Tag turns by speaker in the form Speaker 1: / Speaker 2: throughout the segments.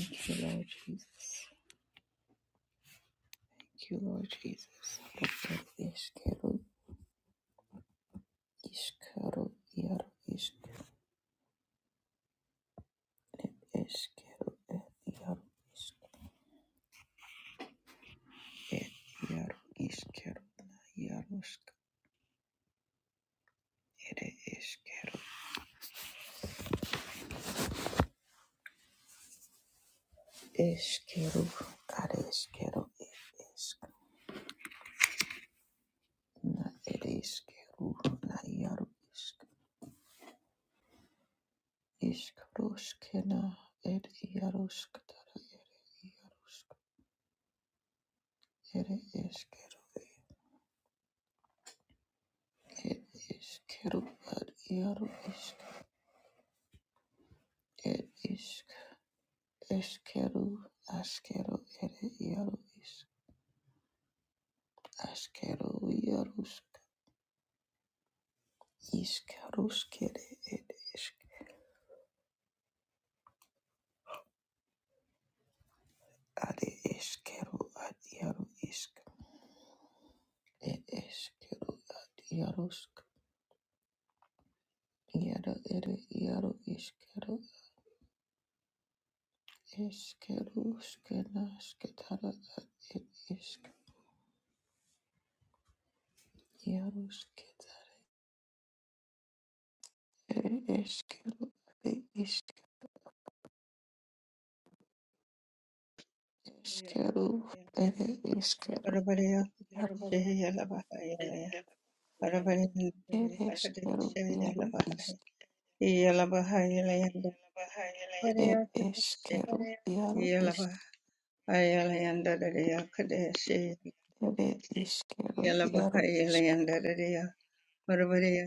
Speaker 1: Thank you, Lord Jesus. Thank you, Lord Jesus. Roket ishkero ishkaro yaro ishk ishkero et yaro ishk et yaro ishkero na yaro ishk ere ishkero ishkero are ishkero et ishk na ere ishkero na yaro ishk ishkaro et yaro ishk tara ere yaro ishk ere ishkero It is Keru ad Iaru isk. It is Eskeru Askeru ere Iaru isk. Askeru Iarusk. Iskaruskere it isk. Ade Eskeru ad Iaru isk. It is Keru ad Iarusk. Iara ere Iaru iskeru. Eskeru skena sketara ad it isk. Iarusketara ere Eskeru ade isk.
Speaker 2: Yeah,
Speaker 1: Esquero,
Speaker 2: yeah, yeah.
Speaker 1: ere esquero,
Speaker 2: Arabaya
Speaker 1: iaro,
Speaker 2: Shaya Labahaya. Arabaya
Speaker 1: ere esquero,
Speaker 2: Shaya
Speaker 1: iaro,
Speaker 2: Labahaya.
Speaker 1: isk,
Speaker 2: Yalabahaya, Land. Arabaya
Speaker 1: ere esquero, iaro, isk,
Speaker 2: Yalabahaya Land. Kadeshi.
Speaker 1: ere esquero, iaro,
Speaker 2: Yalabahaya
Speaker 1: isk,
Speaker 2: Land. Arabaya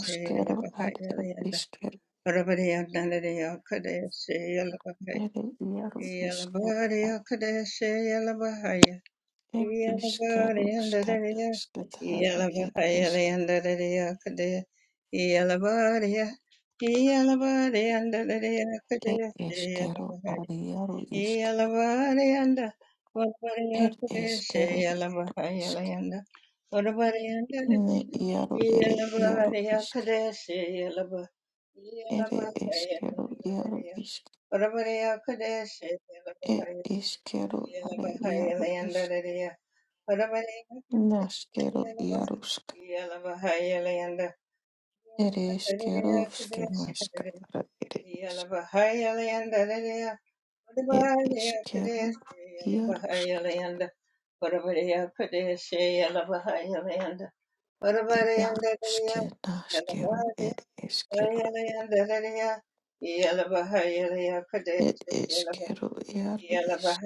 Speaker 2: Shaya
Speaker 1: ad
Speaker 2: Labahaya
Speaker 1: ed
Speaker 2: Land.
Speaker 1: esquero,
Speaker 2: Arabaya Nandia Kadeshi Yalabahaya.
Speaker 1: ere iaro, isquero,
Speaker 2: Yalabahaya
Speaker 1: ad
Speaker 2: Kadeshi Yalabahaya.
Speaker 1: ed
Speaker 2: Yalabari
Speaker 1: esquero, scata, scatad, ed esk,
Speaker 2: Yalabari
Speaker 1: ed esquero, ad iaro, isk, ed esquero, isk, ne iaro, ere iaro, isk, ere esquero, iaro, isk. Ed
Speaker 2: Yalabari
Speaker 1: iskero are iaru isk
Speaker 2: Yalabahaya
Speaker 1: naskero iarusk.
Speaker 2: Yalabahaya Yalabahaya
Speaker 1: Ere iskero ske naska ara ere isk.
Speaker 2: Yalabahaya
Speaker 1: Ed iskero iarusk iaruske naskero ed iskero. Ed iskero iaru isk.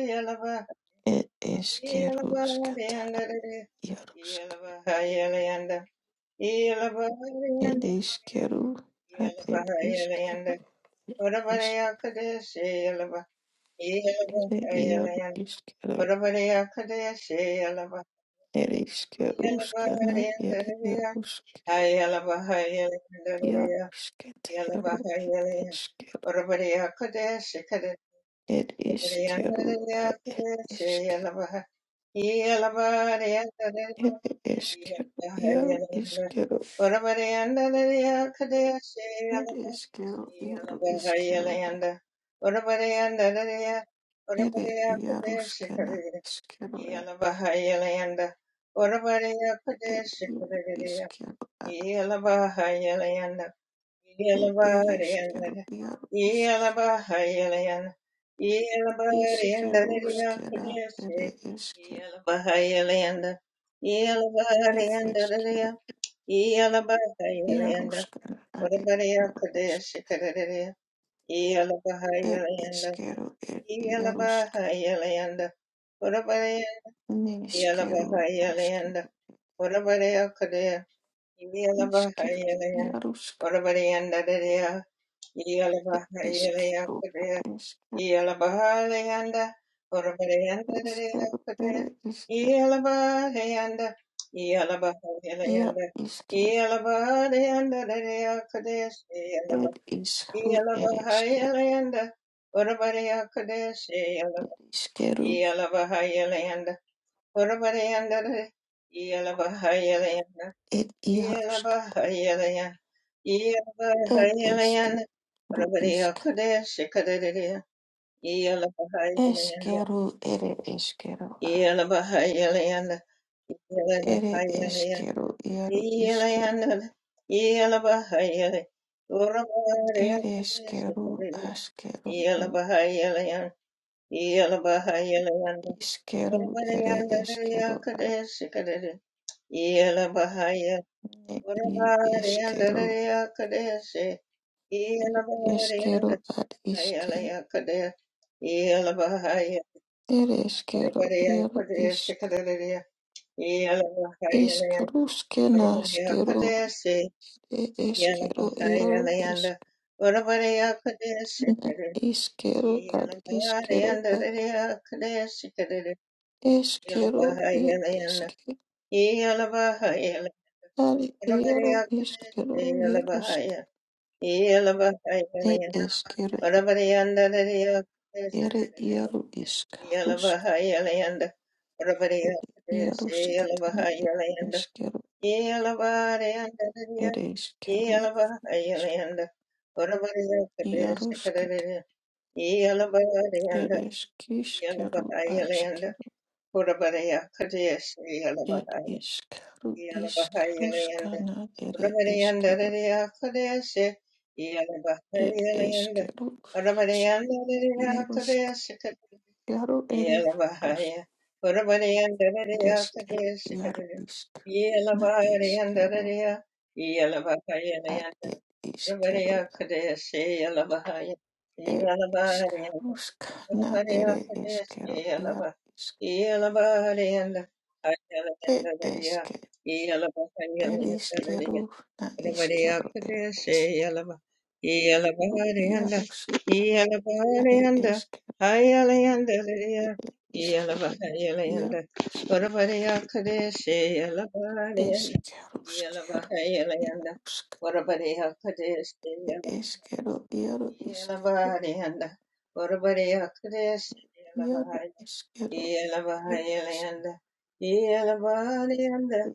Speaker 2: Yalabahaya
Speaker 1: Ed iskero
Speaker 2: Yeah,
Speaker 1: skatana iarusk. Ed iskero ad ed iskero. Ed iskere iaru iskero. Ereshkigal Ushkana Ereshkigal Ushkigal Ishketeru Ereshkigal Ereshkigal
Speaker 2: Yeah.
Speaker 1: Ereshkigal Ereshkigal Yaru Ishkigal Ereshkigal Yaru Ishkigal Ere Yarushkana Ishkigal Ere Yaru Ishkigal Ereshkigal Yaru Ishkigal Ishkigal Ushkira Ere Ishkigal
Speaker 2: Iyalabahayalanda,
Speaker 1: Yarushka ad
Speaker 2: Urabariya Kadesh
Speaker 1: Yarushka
Speaker 2: Kadariya,
Speaker 1: ed
Speaker 2: Iyalabahayalanda,
Speaker 1: Ishkeru ed Yarushka
Speaker 2: Iyalabahayalanda, Urabariya
Speaker 1: Nishkeru
Speaker 2: Iyalabahayalanda,
Speaker 1: Ashkeru
Speaker 2: Urabariya Kadesh,
Speaker 1: Ishkeru
Speaker 2: Iyalabahayalanda,
Speaker 1: Yarushka
Speaker 2: Urabariya Dadariya,
Speaker 1: ed Ishkeru
Speaker 2: Iyalabahayalanda
Speaker 1: ad Ishkeru
Speaker 2: Yelabahalayanda, Orabayanda,
Speaker 1: Ishkeru ed Ishkeru
Speaker 2: Yelabahalayanda,
Speaker 1: Ya
Speaker 2: Yelabahalayanda,
Speaker 1: Ishkeru
Speaker 2: Yelabahalayanda, Kadesh,
Speaker 1: ed Ishkeru ed Ishkeru
Speaker 2: Yelabahalayanda, Orabaya Kadesh,
Speaker 1: Ishkeru
Speaker 2: Yelabahalayanda, Orabayanda, Yelabahalayanda,
Speaker 1: ed Yarushka
Speaker 2: Yelabahalayanda,
Speaker 1: ed Ishkeru
Speaker 2: Yelabahalayanda, Orabaya
Speaker 1: Ishk
Speaker 2: Kadesh, Kadesh, Yelabahalayanda,
Speaker 1: Ishkeru ed Ishkeru ad
Speaker 2: Yelabahayeliana,
Speaker 1: Ere
Speaker 2: Yelabahayelian,
Speaker 1: Ishkeru Yaru
Speaker 2: Yeliana, Yelabahayeli, Urabahaya
Speaker 1: Ere esquero,
Speaker 2: Kadeshikabili,
Speaker 1: asquero, e-
Speaker 2: Yelabahayelian, Yelabahayelian,
Speaker 1: isquero, ere
Speaker 2: Urabahayandariya
Speaker 1: esquero, a-
Speaker 2: Kadeshikabili, Yelabahaya,
Speaker 1: e i esquero,
Speaker 2: Urabahayandariya Kadeshi,
Speaker 1: esquero
Speaker 2: Yelabahayandariya
Speaker 1: ad isque,
Speaker 2: Kadesh, Yelabahaya,
Speaker 1: ere esquero,
Speaker 2: Urabahaya
Speaker 1: iaro isc,
Speaker 2: Kadeshikabili,
Speaker 1: iscarusque
Speaker 2: Orabariya
Speaker 1: nasquero,
Speaker 2: Kadesi
Speaker 1: e
Speaker 2: Yana
Speaker 1: esquero, iaro
Speaker 2: Mahayana Yanda
Speaker 1: isc,
Speaker 2: Orabariya Kadesi
Speaker 1: na
Speaker 2: Kadere
Speaker 1: isquero ad
Speaker 2: Yana
Speaker 1: isquero
Speaker 2: Mahayana
Speaker 1: ad
Speaker 2: Dariya Kadesi Kadere Yana
Speaker 1: esquero, i
Speaker 2: Mahayana Yanda
Speaker 1: isque,
Speaker 2: Yana Mahayana
Speaker 1: ad
Speaker 2: Orabariya
Speaker 1: iaro
Speaker 2: Kadesi
Speaker 1: isquero,
Speaker 2: Yana
Speaker 1: iarusc,
Speaker 2: Mahaya Yana Mahayana
Speaker 1: e
Speaker 2: Yanda
Speaker 1: esquero,
Speaker 2: Orabariya Dariya Kadesi
Speaker 1: ere
Speaker 2: Kadere
Speaker 1: iaro
Speaker 2: Yana
Speaker 1: isc,
Speaker 2: Mahayana Yanda Orabariya Kadesi Yana
Speaker 1: Yarushkatana
Speaker 2: Mahayana
Speaker 1: ereshkeru
Speaker 2: Yeah.
Speaker 1: ereshkeru ish Yarushkat ereshkishkeru ashkeru er ishkeru ishkarushkana ere eshkeru er eshkeru Yarushk yaru ere rush
Speaker 2: Yelavaya, Urabadiyandaradiya
Speaker 1: ereshkeru yaru
Speaker 2: Kadeshikadari,
Speaker 1: ishk na eshkeru
Speaker 2: Yelavadiyandaradia,
Speaker 1: ad
Speaker 2: Yelavakayanayanda,
Speaker 1: er
Speaker 2: Urabadiya
Speaker 1: ishkeru
Speaker 2: Kadeshi, Yelavahaya,
Speaker 1: er
Speaker 2: Yelavadiyanda,
Speaker 1: ishkarushkana
Speaker 2: Urabadiya
Speaker 1: ere
Speaker 2: Kadeshi,
Speaker 1: eshkeru
Speaker 2: Yelava,
Speaker 1: yaru
Speaker 2: Yelavadiyanda, Ajaladandaradia,
Speaker 1: ishk Er
Speaker 2: Yelavakayanayandaradia,
Speaker 1: iskeru na
Speaker 2: Yalabaria
Speaker 1: iskeru er
Speaker 2: Kadeshe
Speaker 1: eskeru
Speaker 2: Yalaba Yalabarianda
Speaker 1: iaruskata are
Speaker 2: Yalabarianda
Speaker 1: eskeru
Speaker 2: Hayalayanda Lydia Yalaba
Speaker 1: iskeru
Speaker 2: Hayalayanda
Speaker 1: iarusk
Speaker 2: Warabaria Kadeshe Yalabarianda
Speaker 1: eskeru
Speaker 2: Yalaba
Speaker 1: skeru
Speaker 2: Hayalayanda
Speaker 1: iarusk
Speaker 2: Warabaria Kadeshe
Speaker 1: er eskeru iaru iskeru
Speaker 2: Yalabarianda Warabaria Kadeshe Yalaba
Speaker 1: iaru iskeru
Speaker 2: Yalaba
Speaker 1: er iskeru
Speaker 2: Hayalayanda Yalabarianda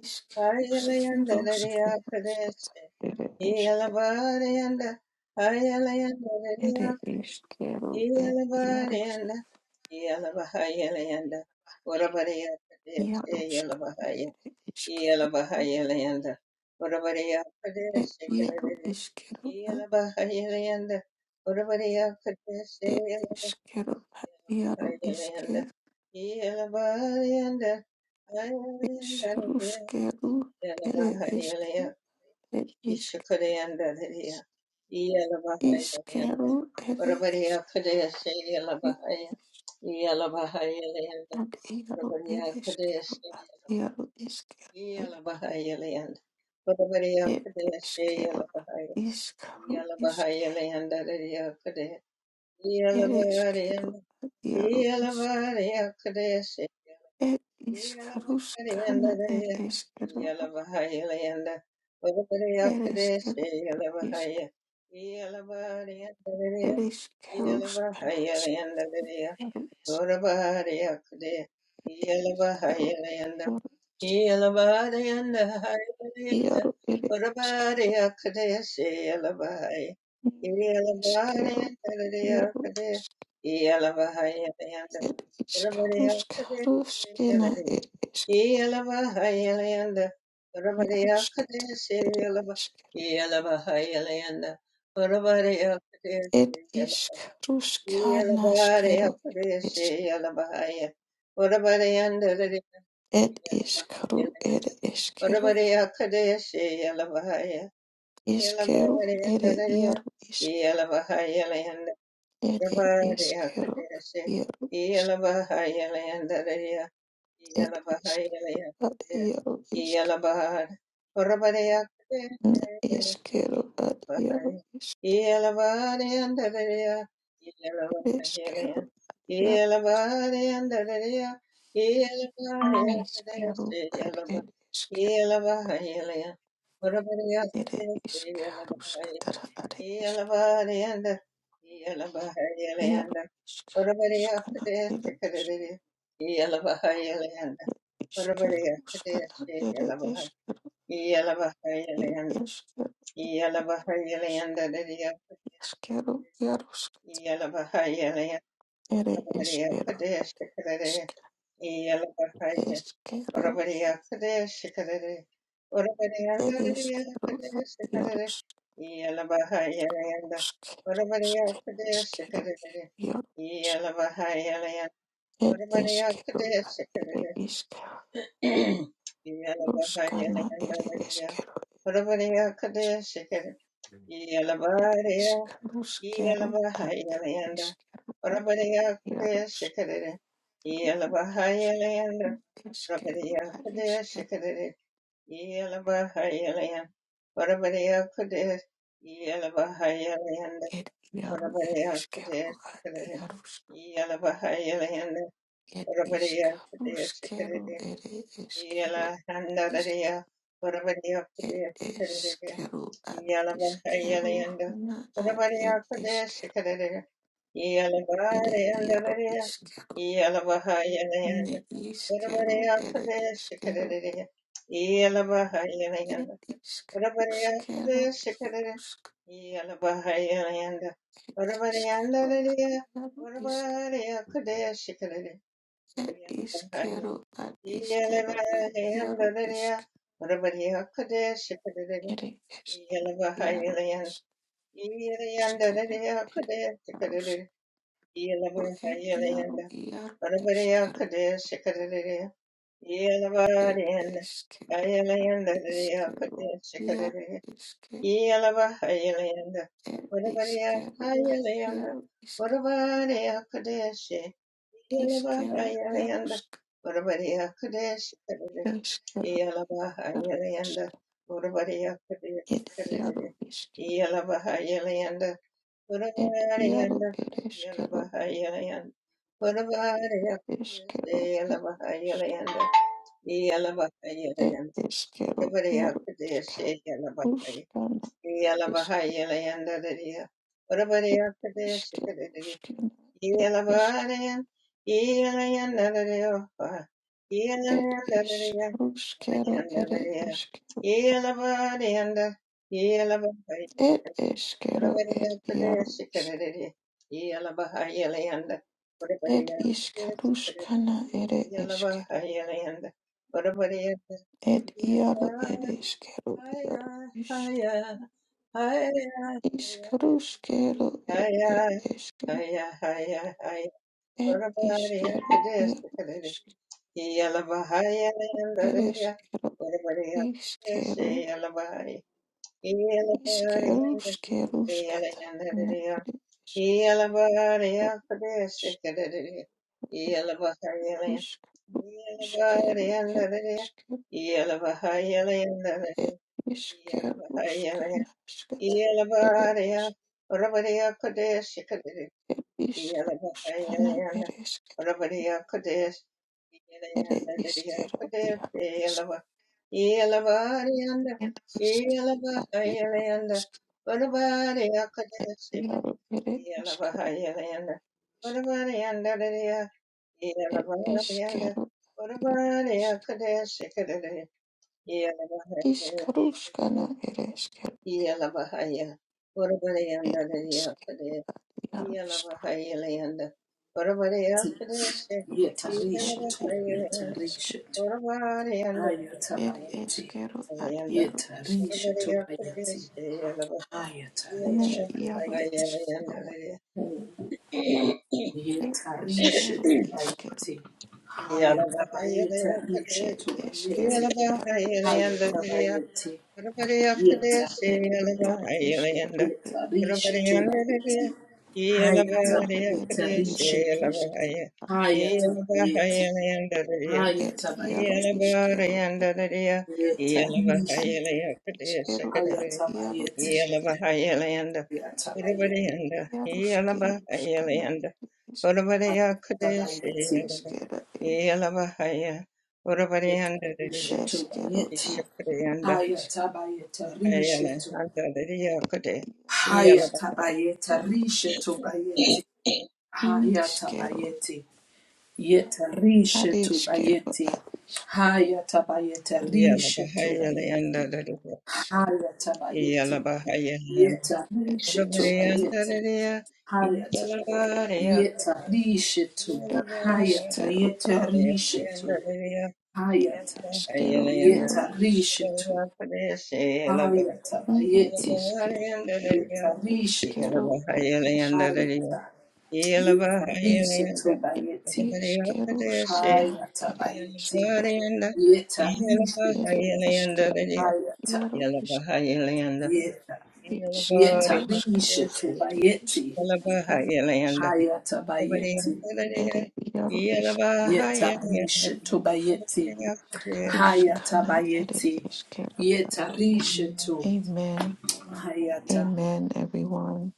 Speaker 1: iskeru
Speaker 2: Hayalayanda Kadesh
Speaker 1: skata er esk
Speaker 2: yeah.
Speaker 1: er iskeru er iarusk iarusk er eskeru er iaru iskeru It isqueiro, iaro, isque, isqueiro, ere, isqueiro, ere, isque,
Speaker 2: Ishakadayanda Dadiya Yalabahaya Dayanda
Speaker 1: isqueiro, ere,
Speaker 2: Varabadiya Kadaya Say
Speaker 1: isqueiro,
Speaker 2: Yalabahaya Yalabahaya Dayanda
Speaker 1: ad, iaro, ere,
Speaker 2: Varabadiya Kadaya
Speaker 1: isqueiro,
Speaker 2: Say
Speaker 1: ad, iaro, isqueiro,
Speaker 2: Yalabahaya Dayanda Varabadiya
Speaker 1: ere,
Speaker 2: Kadaya Say
Speaker 1: isqueiro, ad,
Speaker 2: Yalabahaya
Speaker 1: isqueiro,
Speaker 2: Yalabahaya
Speaker 1: isque,
Speaker 2: Dayanda Dadiya Kadaya
Speaker 1: ere,
Speaker 2: Yalabahaya
Speaker 1: isqueiro,
Speaker 2: Dayanda
Speaker 1: ad, iaro, isque,
Speaker 2: Yalabahaya
Speaker 1: ed,
Speaker 2: yeah.
Speaker 1: isqueiro, scana, ere, isqueiro, ere, isqueiro, isque, ere, isqueiro, scana, Iskero, iaro, iaro ere, iskero, ne, iskero, ad, iaro, ed, iskaro,
Speaker 2: Yalabahaya
Speaker 1: skaro, skena, ed, iskero, iaro, skata, ere, iskero, ed, iskaro, skana, skero, ed, isk, ed, iskaro, ere, iskero, iskero, ere, iaro, isk, ed, iskero, ad, iaro, isk,
Speaker 2: Yalanda, yeah.
Speaker 1: ed, isk, ad,
Speaker 2: yeah,
Speaker 1: iaro, isk, ne, iskero, ad, iaro, Eskero iar neskero ar ed eskero ere
Speaker 2: yeah.
Speaker 1: iskaruskatara are eskero
Speaker 2: Yelabariyanda,
Speaker 1: iar
Speaker 2: Yelabariyanda,
Speaker 1: iskaruskana ere eskero
Speaker 2: Orabariyakudeyakudeya, Yelabariyanda, Orabariyakudeya,
Speaker 1: iskaruskana ere
Speaker 2: Yelabar-
Speaker 1: eskero ir
Speaker 2: Yelabariyanda,
Speaker 1: eskero
Speaker 2: Yelabariyanda, Dadiyakudeya,
Speaker 1: eskero iarusk
Speaker 2: Yelabariyanda,
Speaker 1: ere eskero
Speaker 2: Orabariyakudeya,
Speaker 1: ar iskero
Speaker 2: Yelabariyanda,
Speaker 1: eskero
Speaker 2: Orabariya Kade Shikadere Orabarianda
Speaker 1: ere
Speaker 2: Diriya
Speaker 1: eskero
Speaker 2: Kade
Speaker 1: ar
Speaker 2: Shikadere
Speaker 1: iarusk
Speaker 2: Yalabaha Yalayanda
Speaker 1: eskero
Speaker 2: Orabariya
Speaker 1: skana
Speaker 2: Kade
Speaker 1: eskero
Speaker 2: Shikadere
Speaker 1: iar
Speaker 2: Yalabaha Yalayanda
Speaker 1: Ed
Speaker 2: Orabariya
Speaker 1: eskero
Speaker 2: Kade
Speaker 1: na ere
Speaker 2: Shikadere
Speaker 1: iskero
Speaker 2: Yalabaha
Speaker 1: ruskana
Speaker 2: Yalayanda
Speaker 1: ere
Speaker 2: Diriya
Speaker 1: eskero
Speaker 2: Orabariya
Speaker 1: es-
Speaker 2: Kade Shikadere
Speaker 1: ed
Speaker 2: Yalabariya
Speaker 1: iskaruskero
Speaker 2: Yalabaha
Speaker 1: ad ed
Speaker 2: Yalayanda
Speaker 1: iskero ad ed
Speaker 2: Orabariya Kade
Speaker 1: iaruskero
Speaker 2: Shikadere Yalabaha Yalayanda
Speaker 1: eskero
Speaker 2: Orabariya
Speaker 1: ad
Speaker 2: Kade
Speaker 1: eskero
Speaker 2: Shikadere Yelabahayalayam, Varabareya Kudes, Yelabahayalayanda,
Speaker 1: ed iaru ed
Speaker 2: Varabareya
Speaker 1: eskero
Speaker 2: Kudes,
Speaker 1: ad
Speaker 2: Shikarade,
Speaker 1: iarus
Speaker 2: Yelabahayalayanda,
Speaker 1: ed
Speaker 2: Varabareya Kudes,
Speaker 1: iskaruskero
Speaker 2: Shikarade,
Speaker 1: ere eskero isk
Speaker 2: Yelahandareya, Varabareya
Speaker 1: ed
Speaker 2: Kudes, Shikarade,
Speaker 1: eskero ad iskero
Speaker 2: Yelabahayalayanda,
Speaker 1: na ad ed
Speaker 2: Varabareya Kudes,
Speaker 1: eskero
Speaker 2: Shikarade,
Speaker 1: ere
Speaker 2: Yelabahayalayanda,
Speaker 1: iaru
Speaker 2: Yelabahayalayanda,
Speaker 1: Ne iskero
Speaker 2: Varabareya
Speaker 1: ere
Speaker 2: Kudes,
Speaker 1: eskero
Speaker 2: Shikarade, Yelabahayalayanda,
Speaker 1: ed isk
Speaker 2: Orabariya
Speaker 1: uskero
Speaker 2: kada shikara
Speaker 1: iarusk
Speaker 2: yala bahaya yanda.
Speaker 1: ed
Speaker 2: Orabariyanda
Speaker 1: eskero
Speaker 2: lariya.
Speaker 1: iaru isk
Speaker 2: Orabariya kada shikara
Speaker 1: ed
Speaker 2: yala bahaya.
Speaker 1: iskero ad
Speaker 2: Yala
Speaker 1: iskero ad
Speaker 2: bahaya yanda
Speaker 1: iaru
Speaker 2: lariya.
Speaker 1: isk
Speaker 2: Orabariya kada shikara
Speaker 1: ere eskero
Speaker 2: yala bahaya
Speaker 1: iaru
Speaker 2: yanda.
Speaker 1: isk
Speaker 2: Yala yanda
Speaker 1: uskana
Speaker 2: lariya
Speaker 1: ere
Speaker 2: kada
Speaker 1: iarusk
Speaker 2: shikara yala
Speaker 1: ro ed
Speaker 2: bahaya
Speaker 1: iaru
Speaker 2: yanda.
Speaker 1: iaru
Speaker 2: Orabariya
Speaker 1: eskero
Speaker 2: kada shikara yala bahaya
Speaker 1: ed
Speaker 2: yanda.
Speaker 1: eskero
Speaker 2: Ayala
Speaker 1: ad
Speaker 2: yanda lariya
Speaker 1: iskero
Speaker 2: kada
Speaker 1: iaru
Speaker 2: shikara
Speaker 1: isk
Speaker 2: Yelabahayalayanda,
Speaker 1: ed iskero ad
Speaker 2: Varavaryahayalayanda,
Speaker 1: iaru isk
Speaker 2: Varavaryakudeshi,
Speaker 1: iskero
Speaker 2: Yelabahayalayanda,
Speaker 1: iarusk
Speaker 2: Varavaryakudeshi,
Speaker 1: Eskero, yaro,
Speaker 2: Yelabahayalayanda,
Speaker 1: isk- ed, yaro,
Speaker 2: Varavaryakudeshi,
Speaker 1: iskero,
Speaker 2: Yelabahayalayanda,
Speaker 1: ed, yaro,
Speaker 2: Varavaryanda, Yelabahayalayanda,
Speaker 1: ed,
Speaker 2: Varavaryakudeshi,
Speaker 1: eskero,
Speaker 2: Yelabahayalayanda,
Speaker 1: eskero, yaro, isk-
Speaker 2: Yelabahayalayanda, Varavaryakudeshi,
Speaker 1: ed, eskero, yaro, isk-
Speaker 2: Yelabahayalayanda.
Speaker 1: uskana,
Speaker 2: Yeah.
Speaker 1: eskero, ed, iskero, uskana, ed, isk- ed, isk- uskero, ed, eskero, ed, eskero, ed, yaro, isk- ed, isk- uskana, ed, eskero, ed, yaro, ed, eskero, yaro, isk- Ishkarushkero
Speaker 2: Hiya,
Speaker 1: ed ed eshke
Speaker 2: hiya, hiya, hiya.
Speaker 1: ed
Speaker 2: Everybody at
Speaker 1: ishkero
Speaker 2: the desk,
Speaker 1: ed
Speaker 2: everybody.
Speaker 1: ishk
Speaker 2: Yalla hiya,
Speaker 1: ed
Speaker 2: yalla hiya.
Speaker 1: eshkero
Speaker 2: Everybody at the desk,
Speaker 1: ishkero
Speaker 2: yalla hiya. Yalla hiya,
Speaker 1: ishkerushkero
Speaker 2: yalla
Speaker 1: shkata
Speaker 2: yalla
Speaker 1: na
Speaker 2: hiya.
Speaker 1: ed eshkero
Speaker 2: Yalla hiya, at the desk,
Speaker 1: ishk
Speaker 2: everybody. Yalla hiya, yalla
Speaker 1: ishkero ishkero
Speaker 2: everybody at the
Speaker 1: ed
Speaker 2: desk.
Speaker 1: eshkero
Speaker 2: Yalla hiya, yalla yalla hiya. Yalla hiya,
Speaker 1: ed ishkerushkena shkata ed
Speaker 2: yalla
Speaker 1: eshk
Speaker 2: everybody at the desk,
Speaker 1: ed ishkarushkana
Speaker 2: Yelabakayana
Speaker 1: ed eshk
Speaker 2: Orabadiya Kudesh
Speaker 1: ed
Speaker 2: Yelayanda Didiya
Speaker 1: ishkero ed
Speaker 2: Kudesh
Speaker 1: ishk
Speaker 2: Yelava Yelavarianda
Speaker 1: ed ishkero ed
Speaker 2: Yelabakayalayanda Orabadiya Kudesh
Speaker 1: Iaro ere eskero
Speaker 2: Yelavakayalayanda
Speaker 1: isk
Speaker 2: Orabadiyanda Didiya
Speaker 1: ere
Speaker 2: Yelavarianda
Speaker 1: eskero iaro
Speaker 2: Orabadiya
Speaker 1: isk
Speaker 2: Kudesh yeah.
Speaker 1: iskaruskana ere eskero ere eskero iaro isk iskaru iskero
Speaker 3: Yetarisha to
Speaker 1: ere
Speaker 3: Yetarisha
Speaker 1: eskero
Speaker 3: to
Speaker 1: ere
Speaker 3: Ayatabayeti.
Speaker 1: eskero ad iaro isk
Speaker 3: Yetarisha to Bayeti.
Speaker 1: ne
Speaker 3: Ayatarisha to
Speaker 1: iaro
Speaker 3: Bayeti.
Speaker 1: iskero ere
Speaker 3: Yetarisha
Speaker 1: iskero
Speaker 3: to
Speaker 1: iskero
Speaker 3: Bayeti. Ayatabayetarisha
Speaker 1: ere
Speaker 3: to
Speaker 1: eskero
Speaker 3: Bayeti.
Speaker 1: iaro iskero
Speaker 3: Ayatabayeti.
Speaker 2: Everybody after
Speaker 3: Yeta.
Speaker 2: this,
Speaker 1: ere iaro iskero
Speaker 2: Yelabahayanda.
Speaker 1: ere
Speaker 3: Yetarisha
Speaker 2: Everybody
Speaker 3: to
Speaker 2: under the deer,
Speaker 3: Bayeti.
Speaker 2: Yelabahayanda
Speaker 1: iaro
Speaker 2: after
Speaker 1: ere
Speaker 2: this,
Speaker 1: iaro
Speaker 3: Ayatabayetarisha to
Speaker 2: Yelabahaya.
Speaker 1: iskero
Speaker 3: Ayatabayeti.
Speaker 2: Yelabahayanda the deer,
Speaker 1: ad iaro
Speaker 3: Ayatabayeti.
Speaker 1: iskero
Speaker 2: Yelabahayanda the deer,
Speaker 3: Yetarisha.
Speaker 2: Yelabahayanda after this,
Speaker 1: Eskero ad iaro
Speaker 3: Ayatabayeti.
Speaker 1: iske
Speaker 2: Yelabahayanda.
Speaker 3: Yatabayeti.
Speaker 2: Everybody under,
Speaker 1: iaro skeruskana
Speaker 2: Yelabahayanda.
Speaker 1: iske
Speaker 2: Everybody after this,
Speaker 3: Yatabayeti.
Speaker 1: eskera e
Speaker 2: Yelabahaya. Everybody under the deer,
Speaker 1: eskero
Speaker 3: Rishetobayeti.
Speaker 1: ad iaro
Speaker 2: Yelabahayanda.
Speaker 1: iske
Speaker 3: Hayatabayeta
Speaker 2: Ayala
Speaker 3: risheto.
Speaker 2: under the Yakute,
Speaker 1: iaro
Speaker 2: Yalaba,
Speaker 1: iskero
Speaker 3: Hayatabayeta
Speaker 1: iaro
Speaker 3: rishetobayeti.
Speaker 1: iskero
Speaker 3: Hayatabayeti. Yeta
Speaker 1: ad iskero ad
Speaker 3: rishetobayeti. Hayatabayeta
Speaker 2: Yalaba, Hayala
Speaker 3: rishetobayeti.
Speaker 2: under the Yakute,
Speaker 1: iskero
Speaker 3: Hayatabayeti.
Speaker 2: Yalaba, Hayala,
Speaker 3: Yeta
Speaker 1: e
Speaker 2: Rubri
Speaker 1: eskero
Speaker 2: under
Speaker 3: rishetobayeti.
Speaker 2: the
Speaker 3: Hayata.
Speaker 2: Yalaba, Yakute,
Speaker 3: Yeta risheto.
Speaker 1: e
Speaker 2: Yalaba, under the
Speaker 3: Hayata
Speaker 1: iskero
Speaker 3: yeta
Speaker 1: ad
Speaker 2: Yalaba,
Speaker 3: risheto.
Speaker 2: Hayala
Speaker 1: eskero
Speaker 2: under
Speaker 1: iaro iske
Speaker 3: yetarishetu
Speaker 2: the Yakute, Yalaba,
Speaker 1: ne
Speaker 3: ayatabayeti
Speaker 1: eske
Speaker 2: Yalaba, under the Yalaba, Hayala under the
Speaker 3: yetarishetu
Speaker 1: iskero
Speaker 2: Yalaba,
Speaker 1: ad eske
Speaker 3: ayata
Speaker 2: Hayala
Speaker 3: yetarishetu
Speaker 2: under
Speaker 3: bayeti
Speaker 2: the
Speaker 1: iskero
Speaker 2: Yakute,
Speaker 1: skana ere
Speaker 3: ayatabayeti
Speaker 1: eskero
Speaker 2: Yelabahayalayanda,
Speaker 3: yetarishetu
Speaker 1: ere
Speaker 2: Yelabahayalayanda,
Speaker 1: iskero
Speaker 3: ayata
Speaker 1: Iaro is
Speaker 2: Yelabahayalayanda,
Speaker 3: yeta
Speaker 1: iskeruskana,
Speaker 3: yetarishetu
Speaker 2: Yelabahayalayanda,
Speaker 1: ere
Speaker 3: bayeti
Speaker 1: iskero is
Speaker 2: Yelabahayalayanda,
Speaker 3: ayatabayeti
Speaker 1: ere iaro iskero
Speaker 2: Yelabahayalayanda.
Speaker 3: yetarishetu bayeti
Speaker 1: iskaruskana, ere
Speaker 3: ayatabayeti
Speaker 1: iskero.
Speaker 3: yetarishetu
Speaker 1: Amen.
Speaker 3: ayata
Speaker 1: Amen, everyone.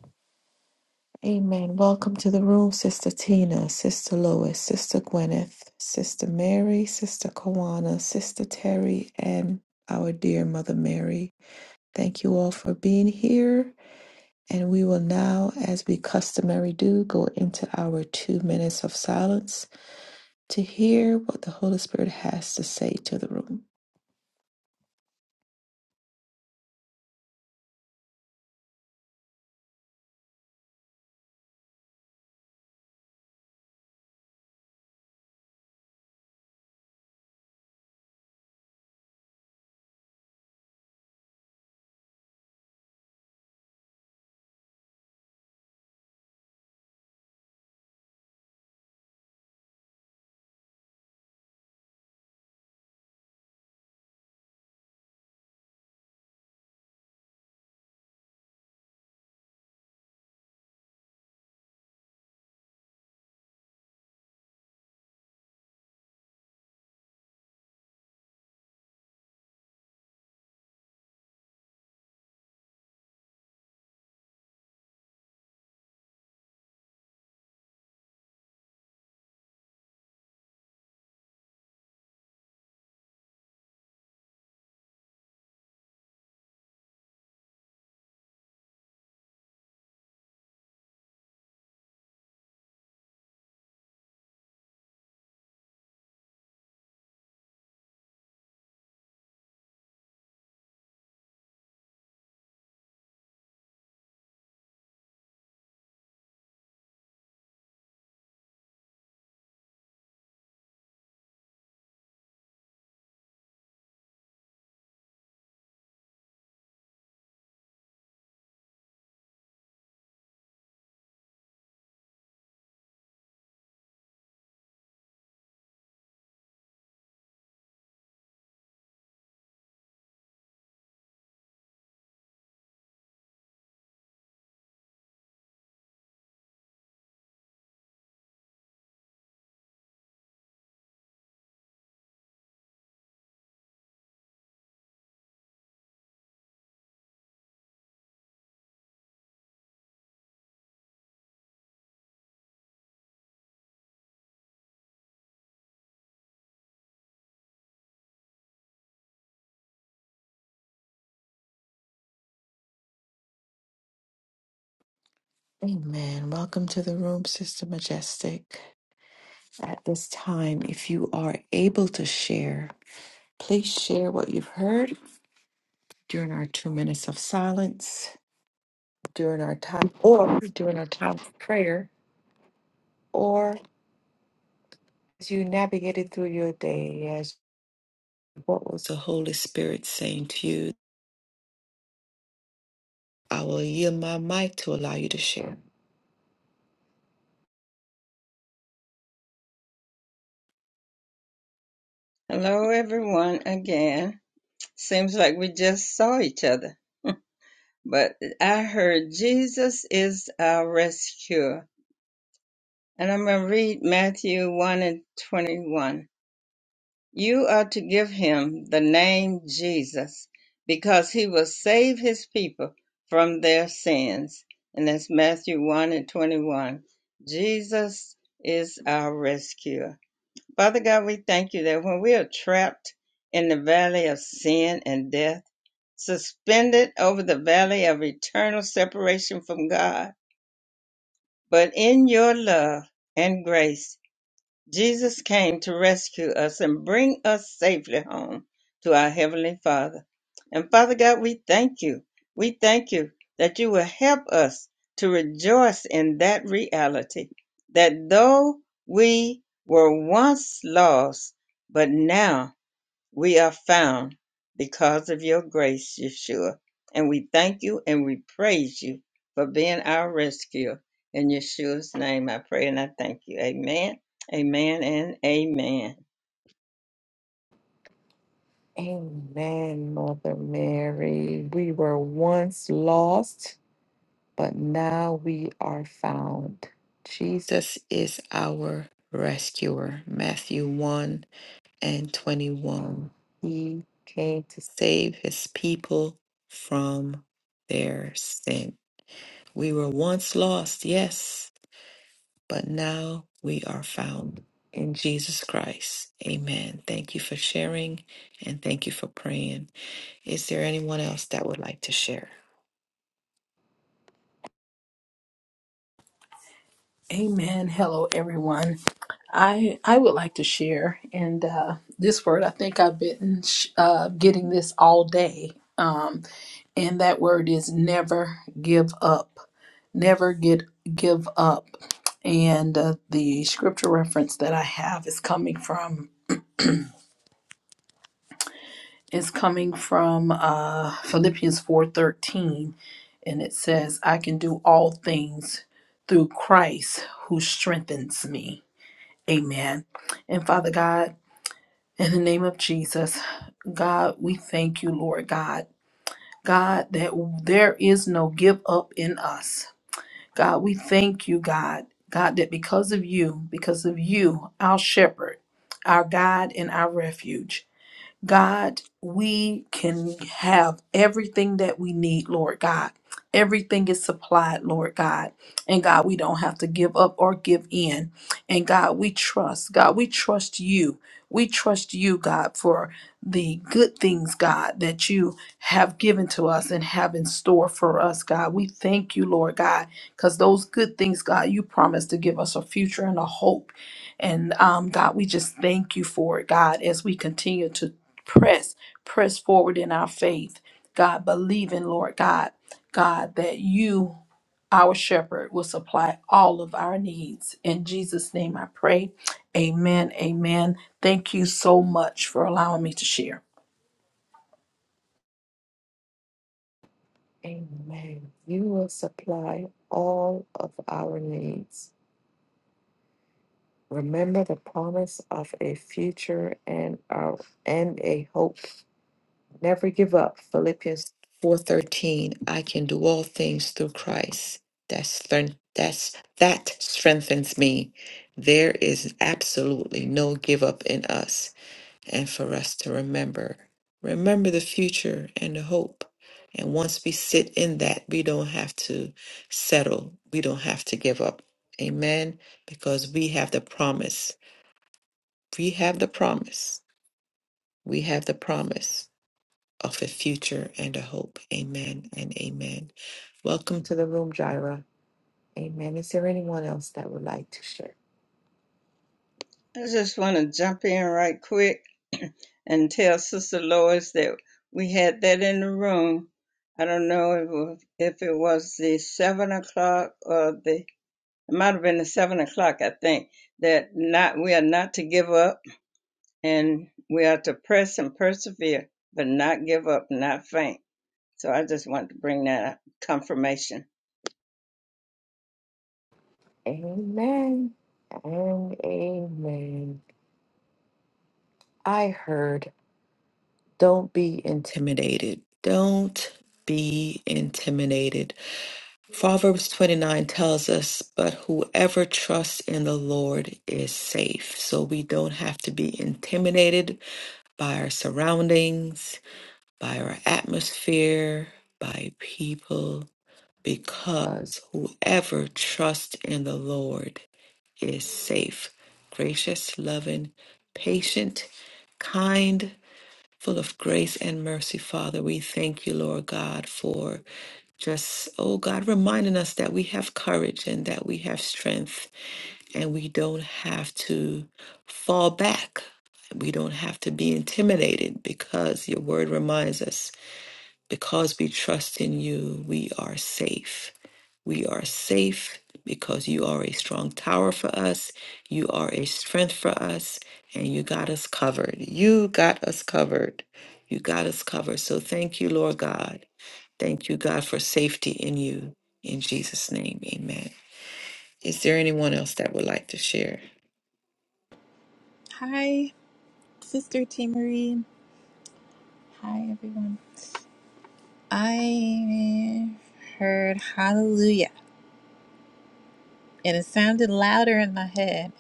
Speaker 1: Amen. Welcome to the room, Sister Tina, Sister Lois, Sister Gwyneth, Sister Mary, Sister Kawana, Sister Terry, and our dear Mother Mary. Thank you all for being here. And we will now, as we customary do, go into our two minutes of silence to hear what the Holy Spirit has to say to the room. Amen. Welcome to the room, Sister Majestic. At this time, if you are able to share, please share what you've heard during our two minutes of silence, during our time, or during our time of prayer, As you navigated through your day, as what was the Holy Spirit saying to you? I will yield my mic to allow you to share.
Speaker 2: Hello, everyone, again. Seems like we just saw each other, but I heard Jesus is our rescuer. And I'm going to read Matthew 1 and 21. You are to give him the name Jesus because he will save his people from their sins. And that's Matthew 1 and 21. Jesus is our rescuer. Father God, we thank you that when we are trapped in the valley of sin and death, suspended over the valley of eternal separation from God, but in your love and grace, Jesus came to rescue us and bring us safely home to our Heavenly Father. And Father God, we thank you. We thank you that you will help us to rejoice in that reality that though we were once lost, but now we are found because of your grace, Yeshua. And we thank you and we praise you for being our rescuer. In Yeshua's name, I pray and I thank you. Amen, amen, and amen.
Speaker 1: Amen, Mother Mary. We were once lost, but now we are found. Jesus is our rescuer. Matthew 1 and 21. He came to save his people from their sin. We were once lost, yes, but now we are found in Jesus Christ. Amen. Thank you for sharing and thank you for praying. Is there anyone else that would like to share?
Speaker 3: Amen. Hello, everyone. I I would like to share, and uh, this word I think I've been sh- uh, getting this all day, um, and that word is never give up. Never get give up. And uh, the scripture reference that I have is coming from is coming from uh, Philippians four thirteen, and it says, "I can do all things through Christ who strengthens me." Amen. And Father God, in the name of Jesus, God, we thank you, Lord God. God, that there is no give up in us. God, we thank you, God. God, that because of you, because of you, our shepherd, our God, and our refuge. God, we can have everything that we need, Lord God. Everything is supplied, Lord God. And God, we don't have to give up or give in. And God, we trust. God, we trust you. We trust you, God, for the good things, God, that you have given to us and have in store for us, God. We thank you, Lord God, because those good things, God, you promised to give us a future and a hope. And um, God, we just thank you for it, God, as we continue to press, press forward in our faith. God, believing, Lord God, God, that you, our shepherd, will supply all of our needs. In Jesus' name I pray. Amen. Amen. Thank you so much for allowing me to share.
Speaker 1: Amen. You will supply all of our needs. Remember the promise of a future and our and a hope. Never give up. Philippians 4:13. I can do all things through Christ. That's that's that strengthens me. There is absolutely no give up in us and for us to remember. Remember the future and the hope. And once we sit in that, we don't have to settle. We don't have to give up. Amen. Because we have the promise. We have the promise. We have the promise of a future and a hope. Amen and amen. Welcome to the room, Jaira. Amen. Is there anyone else that would like to share?
Speaker 2: I just want to jump in right quick and tell Sister Lois that we had that in the room. I don't know if it was, if it was the seven o'clock or the it might have been the seven o'clock. I think that not we are not to give up and we are to press and persevere, but not give up, not faint. So I just want to bring that confirmation.
Speaker 1: Amen and amen. I heard, don't be intimidated. Don't be intimidated. Proverbs 29 tells us, but whoever trusts in the Lord is safe. So we don't have to be intimidated by our surroundings by our atmosphere, by people, because whoever trusts in the Lord is safe. Gracious, loving, patient, kind, full of grace and mercy, Father. We thank you, Lord God, for just, oh God, reminding us that we have courage and that we have strength and we don't have to fall back. We don't have to be intimidated because your word reminds us because we trust in you, we are safe. We are safe because you are a strong tower for us. You are a strength for us, and you got us covered. You got us covered. You got us covered. So thank you, Lord God. Thank you, God, for safety in you. In Jesus' name, amen. Is there anyone else that would like to share?
Speaker 4: Hi, Sister T. Marie. Hi, everyone. I heard hallelujah, and it sounded louder in my head.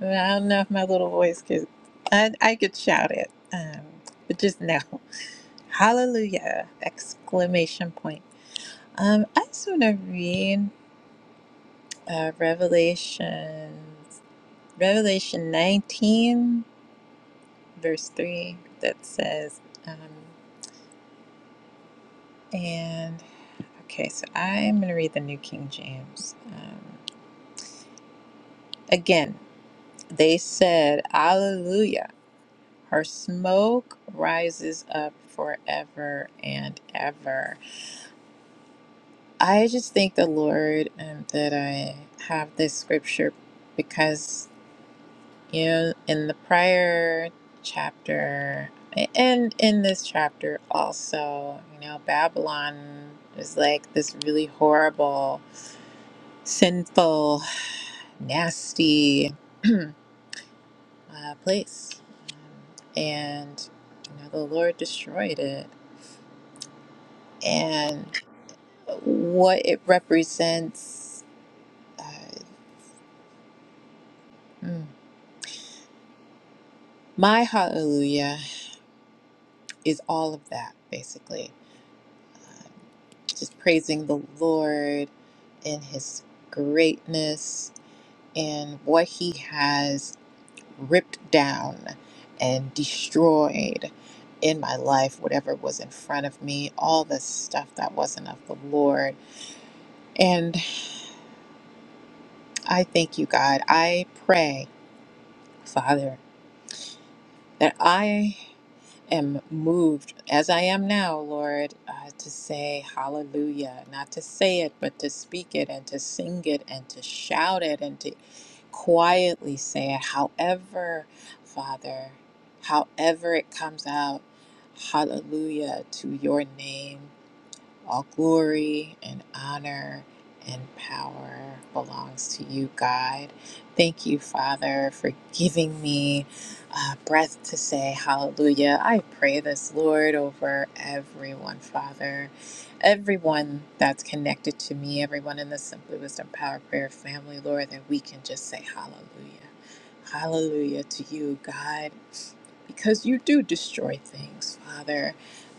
Speaker 4: But I don't know if my little voice could, I, I could shout it, um, but just now. Hallelujah! Exclamation point. Um, I just want to read uh, Revelation, Revelation 19, verse 3, that says, um, Okay, so I am going to read the New King James. Um, again, they said, Alleluia, her smoke rises up forever and ever. I just thank the Lord um, that I have this scripture because, you know, in the prior chapter and in this chapter also, you know, Babylon is like this really horrible, sinful. nasty uh, place. And you know, the Lord destroyed it. And what it represents, uh, mm, my hallelujah is all of that, basically. Just praising the Lord in his greatness and what he has ripped down and destroyed in my life, whatever was in front of me, all the stuff that wasn't of the Lord. And I thank you, God. I pray, Father, that I am moved as I am now, Lord, uh, to say hallelujah, not to say it, but to speak it and to sing it and to shout it and to quietly say it, however, Father, however it comes out, hallelujah to your name. All glory and honor and power belongs to you, God. Thank you, Father, for giving me a breath to say hallelujah. I pray this, Lord, over everyone, Father. Everyone that's connected to me, everyone in the Simply Wisdom Power Prayer family, Lord, that we can just say hallelujah. Hallelujah to you, God because you do destroy things, Father,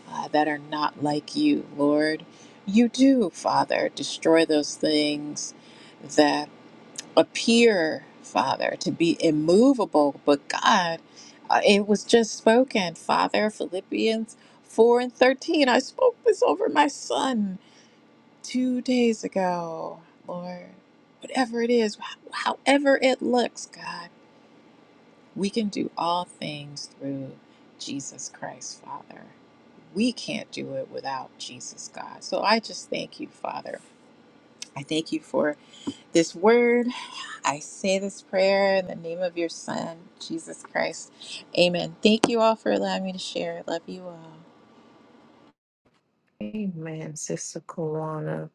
Speaker 4: uh, that are not like you, Lord. You do, Father, destroy those things that appear, Father, to be immovable, but God, uh, it was just spoken, Father, Philippians 4 and 13. I spoke this over my son two days ago, Lord. Whatever it is, however it looks, God. We can do all things through Jesus Christ, Father. We can't do it without Jesus, God. So I just thank you, Father. I thank you for this word. I say this prayer in the name of your Son, Jesus Christ. Amen. Thank you all for allowing me to share. Love you all.
Speaker 1: Amen, Sister Kawana.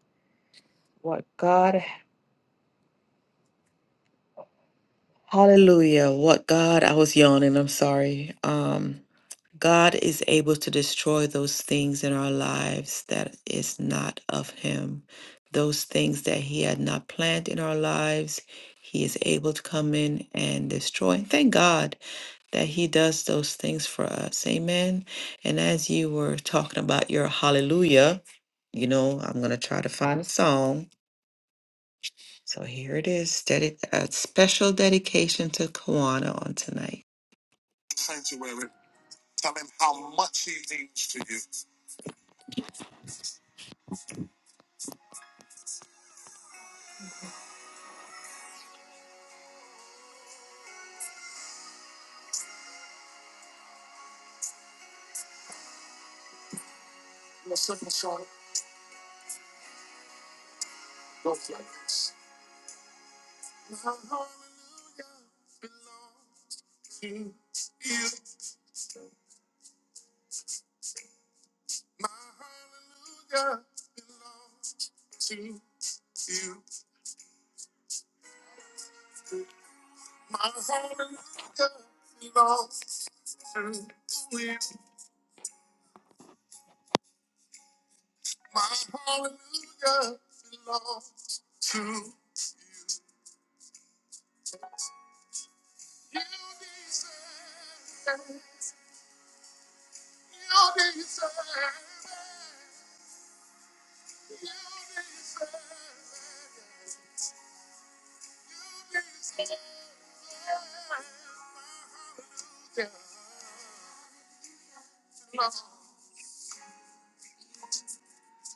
Speaker 1: What God, hallelujah. What God, I was yawning. I'm sorry. Um, God is able to destroy those things in our lives that is not of Him. Those things that He had not planned in our lives, He is able to come in and destroy. Thank God that He does those things for us. Amen. And as you were talking about your hallelujah, you know, I'm going to try to find a song. So here it is dedi- a special dedication to Kawana on tonight. Sanctuary, tell Him how much He means to you.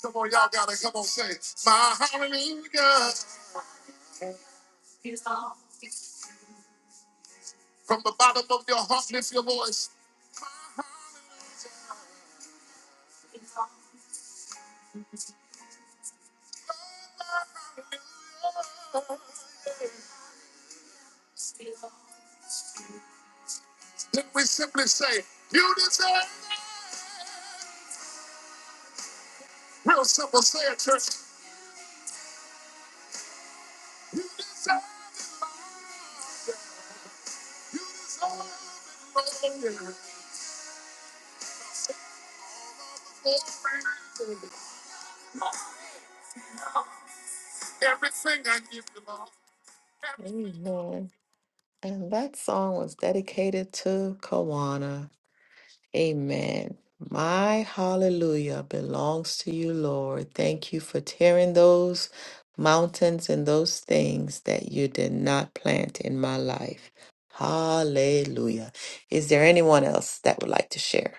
Speaker 1: Come on, y'all gotta come on, say my hallelujah. From the bottom of your heart, lift your voice. My hallelujah. Then we simply say, You deserve it. Real simple, say it, church. You deserve it. Amen. And that song was dedicated to Kawana. Amen. My hallelujah belongs to you, Lord. Thank you for tearing those mountains and those things that you did not plant in my life. Hallelujah. Is there anyone else that would like to share?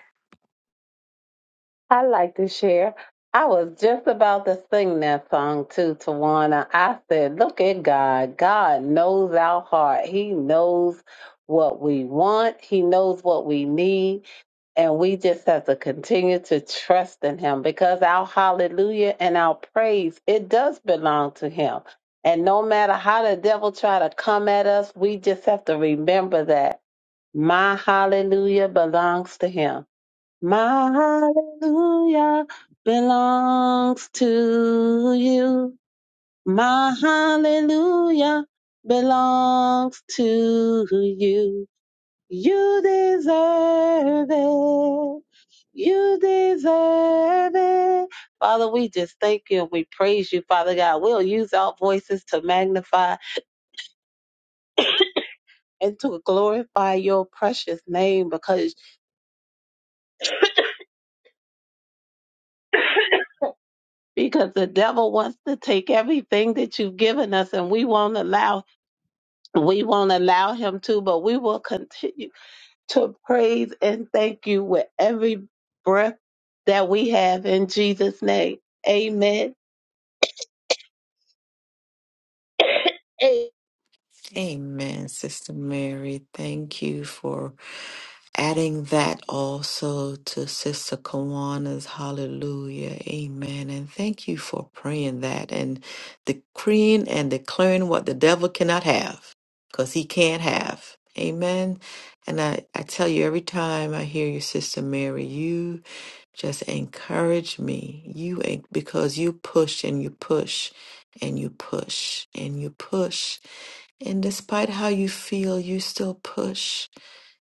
Speaker 5: I like to share. I was just about to sing that song too, Tawana. I said, Look at God. God knows our heart. He knows what we want, He knows what we need. And we just have to continue to trust in Him because our hallelujah and our praise, it does belong to Him. And no matter how the devil try to come at us, we just have to remember that my hallelujah belongs to him my hallelujah belongs to you. My hallelujah belongs to you. You deserve it. You deserve it. Father, we just thank you and we praise you, Father God. We'll use our voices to magnify and to glorify your precious name because because the devil wants to take everything that you've given us and we won't allow we won't allow him to but we will continue to praise and thank you with every breath that we have in Jesus name amen A-
Speaker 1: Amen, Sister Mary. Thank you for adding that also to Sister Kawana's hallelujah. Amen. And thank you for praying that and decreeing and declaring what the devil cannot have because he can't have. Amen. And I, I tell you, every time I hear you, Sister Mary, you. Just encourage me. You en- because you push and you push and you push and you push. And despite how you feel, you still push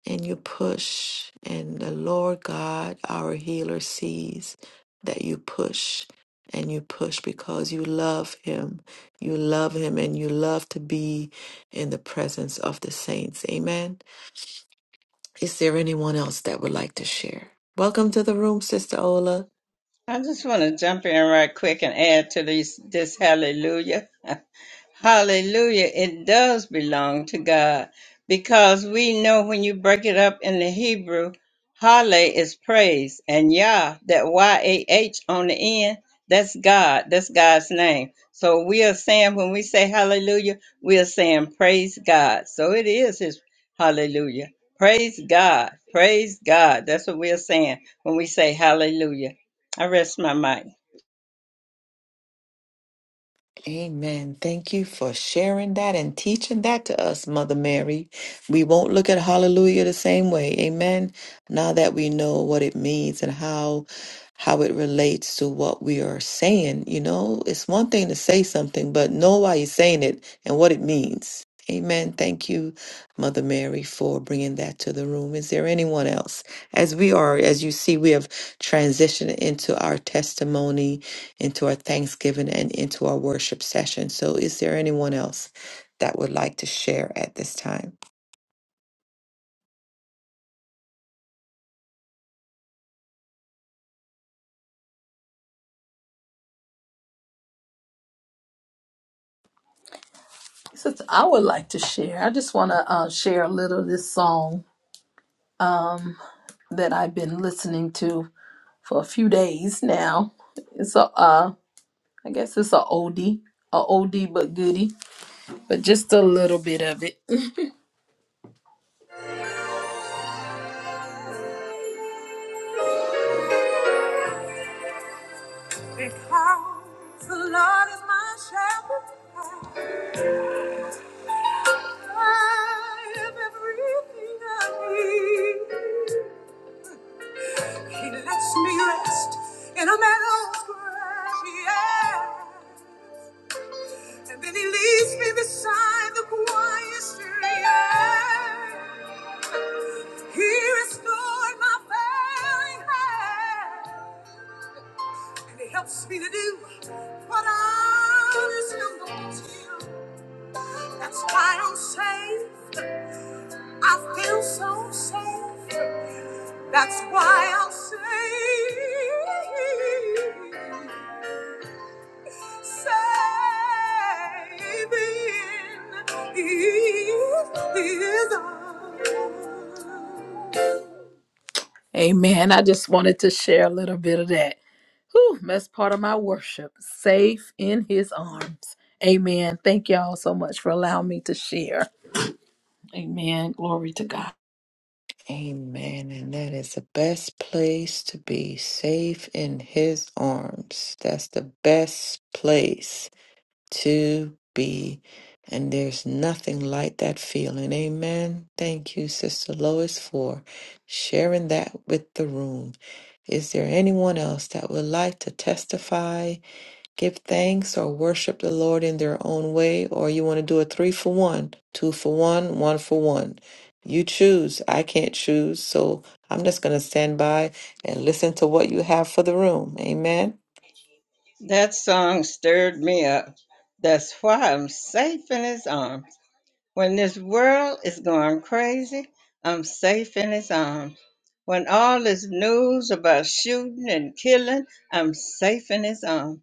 Speaker 1: and you push. And the Lord God, our healer, sees that you push and you push because you love Him. You love Him and you love to be in the presence of the saints. Amen. Is there anyone else that would like to share? Welcome to the room, Sister Ola.
Speaker 2: I just want to jump in right quick and add to these, this hallelujah. hallelujah. It does belong to God because we know when you break it up in the Hebrew, Hale is praise and Yah, that Y A H on the end, that's God. That's God's name. So we are saying, when we say hallelujah, we are saying praise God. So it is His hallelujah. Praise God. Praise God. That's what we are saying when we say hallelujah. I rest my mic.
Speaker 1: Amen. Thank you for sharing that and teaching that to us, Mother Mary. We won't look at hallelujah the same way. Amen. Now that we know what it means and how how it relates to what we are saying, you know, it's one thing to say something, but know why you're saying it and what it means. Amen. Thank you, Mother Mary, for bringing that to the room. Is there anyone else? As we are, as you see, we have transitioned into our testimony into our Thanksgiving and into our worship session. So, is there anyone else that would like to share at this time?
Speaker 3: Since I would like to share, I just want to uh, share a little of this song that I've been listening to for a few days now. It's a uh, I guess it's a oldie, a oldie but goodie, but just a little bit of it. Because the Lord is my shepherd, I have everything I need. He lets me rest in a meadow's grass. Yeah. And then he leads me beside the quiet stream. He restored my failing hand. And he helps me to do what I just don't want to do. That's why I'm safe. I feel so safe. That's why I'm safe. Amen. I just wanted to share a little bit of that. Whew, that's part of my worship. Safe in his arms. Amen. Thank y'all so much for allowing me to share. Amen. Glory to God.
Speaker 1: Amen. And that is the best place to be safe in his arms. That's the best place. to be. And there's nothing like that feeling. Amen. Thank you, Sister Lois, for sharing that with the room. Is there anyone else that would like to testify? give thanks or worship the Lord in their own way, or you want to do a three for one, two for one, one for one. You choose. I can't choose. So I'm just going to stand by and listen to what you have for the room. Amen.
Speaker 2: That song stirred me up. That's why I'm safe in his arms. When this world is going crazy, I'm safe in his arms. When all this news about shooting and killing, I'm safe in his arms.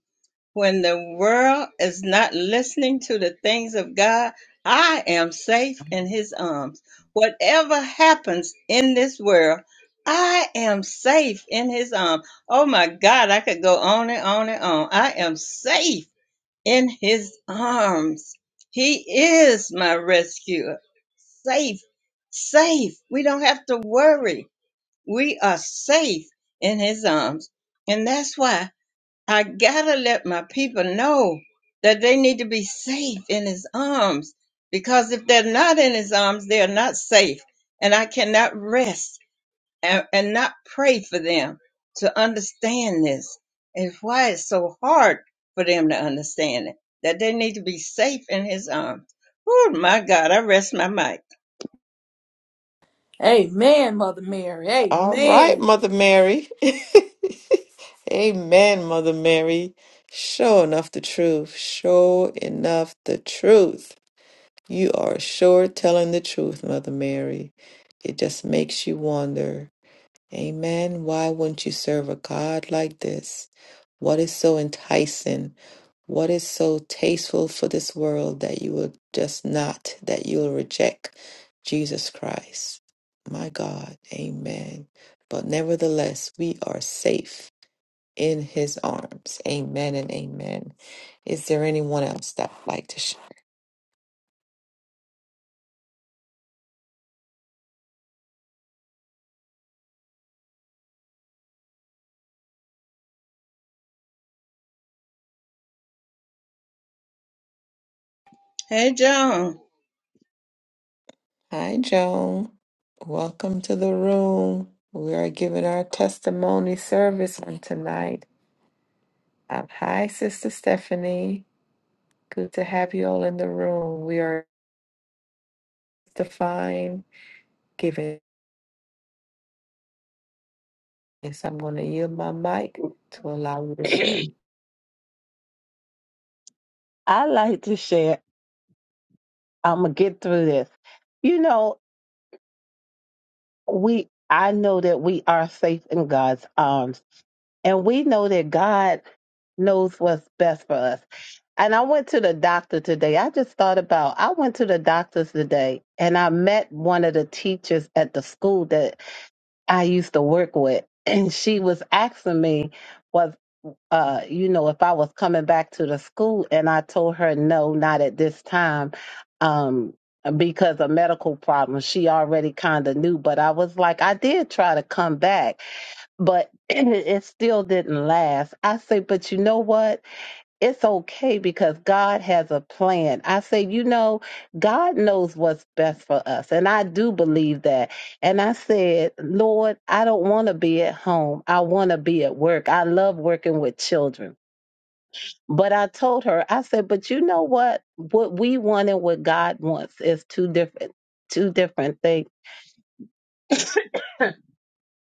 Speaker 2: When the world is not listening to the things of God, I am safe in His arms. Whatever happens in this world, I am safe in His arms. Oh my God, I could go on and on and on. I am safe in His arms. He is my rescuer. Safe, safe. We don't have to worry. We are safe in His arms. And that's why. I gotta let my people know that they need to be safe in his arms because if they're not in his arms, they are not safe. And I cannot rest and, and not pray for them to understand this and why it's so hard for them to understand it, that they need to be safe in his arms. Oh my God, I rest my mic.
Speaker 3: Amen, Mother Mary.
Speaker 1: All right,
Speaker 3: Amen.
Speaker 1: Mother Mary. Amen, Mother Mary. Show enough the truth. Show enough the truth. You are sure telling the truth, Mother Mary. It just makes you wonder. Amen. Why wouldn't you serve a God like this? What is so enticing? What is so tasteful for this world that you will just not, that you will reject Jesus Christ? My God, amen. But nevertheless, we are safe in his arms. Amen and amen. Is there anyone else that would like to share?
Speaker 2: Hey, John,
Speaker 1: Hi, Joan. Welcome to the room. We are giving our testimony service on tonight. Um, hi, Sister Stephanie. Good to have you all in the room. We are defined. given. Yes, I'm going to yield my mic to allow you to share.
Speaker 5: I like to share I'm going to get through this you know we I know that we are safe in God's arms and we know that God knows what's best for us. And I went to the doctor today. I just thought about I went to the doctor's today and I met one of the teachers at the school that I used to work with and she was asking me was uh you know if I was coming back to the school and I told her no not at this time um because of medical problems she already kind of knew but I was like I did try to come back but it still didn't last. I say but you know what it's okay because God has a plan. I say, you know, God knows what's best for us. And I do believe that. And I said, Lord, I don't want to be at home. I want to be at work. I love working with children. But I told her, I said, but you know what? What we want and what God wants is two different two different things.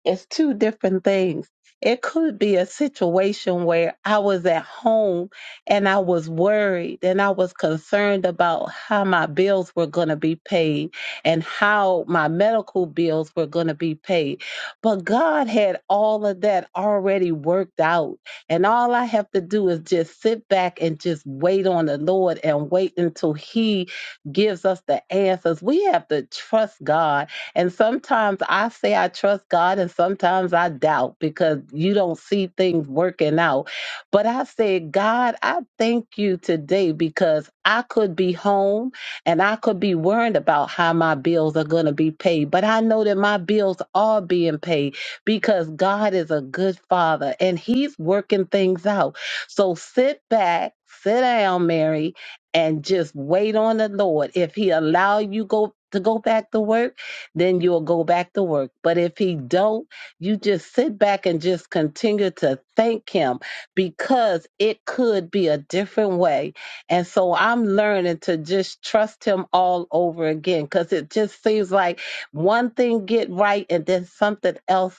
Speaker 5: It's two different things. It could be a situation where I was at home and I was worried and I was concerned about how my bills were going to be paid and how my medical bills were going to be paid. But God had all of that already worked out. And all I have to do is just sit back and just wait on the Lord and wait until He gives us the answers. We have to trust God and sometimes I say I trust God, and sometimes I doubt because you don't see things working out. But I said, God, I thank you today because I could be home and I could be worried about how my bills are going to be paid. But I know that my bills are being paid because God is a good father and he's working things out. So sit back, sit down, Mary, and just wait on the Lord. If he allow you go to go back to work, then you'll go back to work. But if he don't, you just sit back and just continue to thank him because it could be a different way. And so I'm learning to just trust him all over again because it just seems like one thing get right and then something else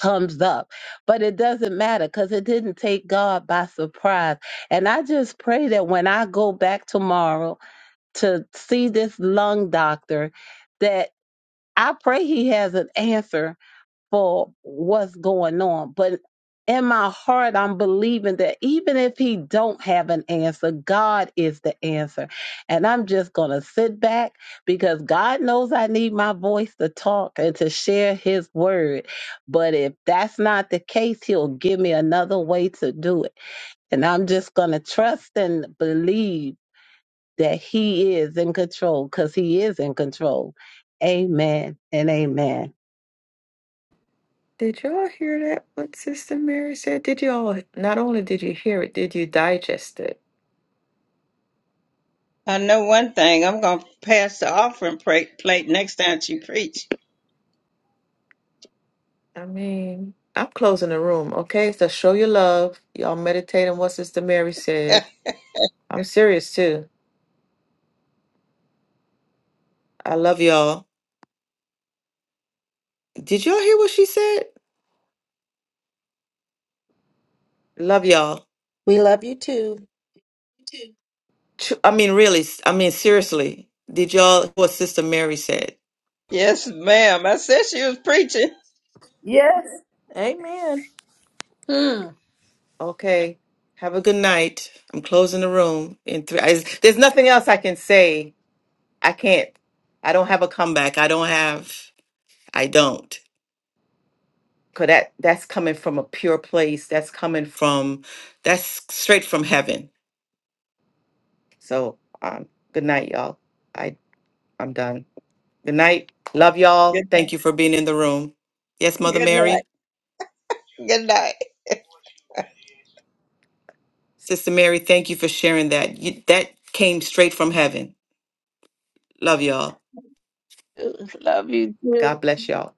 Speaker 5: comes up but it doesn't matter because it didn't take god by surprise and i just pray that when i go back tomorrow to see this lung doctor that I pray he has an answer for what's going on. But in my heart, I'm believing that even if he don't have an answer, God is the answer. And I'm just going to sit back because God knows I need my voice to talk and to share his word. But if that's not the case, he'll give me another way to do it. And I'm just going to trust and believe that he is in control because he is in control. Amen and amen.
Speaker 1: Did y'all hear that? What Sister Mary said? Did y'all? Not only did you hear it, did you digest it?
Speaker 2: I know one thing. I'm going to pass the offering plate plate next time you preach.
Speaker 1: I mean, I'm closing the room. Okay, so show your love. Y'all meditate on what Sister Mary said. I'm serious too. I love y'all. Did y'all hear what she said? Love y'all.
Speaker 6: We love you too.
Speaker 1: Tr- I mean, really. s- I mean, seriously. Did y'all what Sister Mary said?
Speaker 2: yes, ma'am. I said she was preaching.
Speaker 3: Yes.
Speaker 1: Okay. Have a good night. I'm closing the room in three. I, there's nothing else I can say. I can't. I don't have a comeback. I don't have. I don't. Cause that that's coming from a pure place. That's coming from. That's straight from heaven. So um, good night, y'all. I I'm done. Good night. Love y'all.
Speaker 2: Good night.
Speaker 1: Thank you for being in the room. Yes, Mother
Speaker 2: Good night.
Speaker 1: Mary,
Speaker 2: Good night.
Speaker 1: Sister Mary. Thank you for sharing that. You, that came straight from heaven. Love y'all. God bless y'all.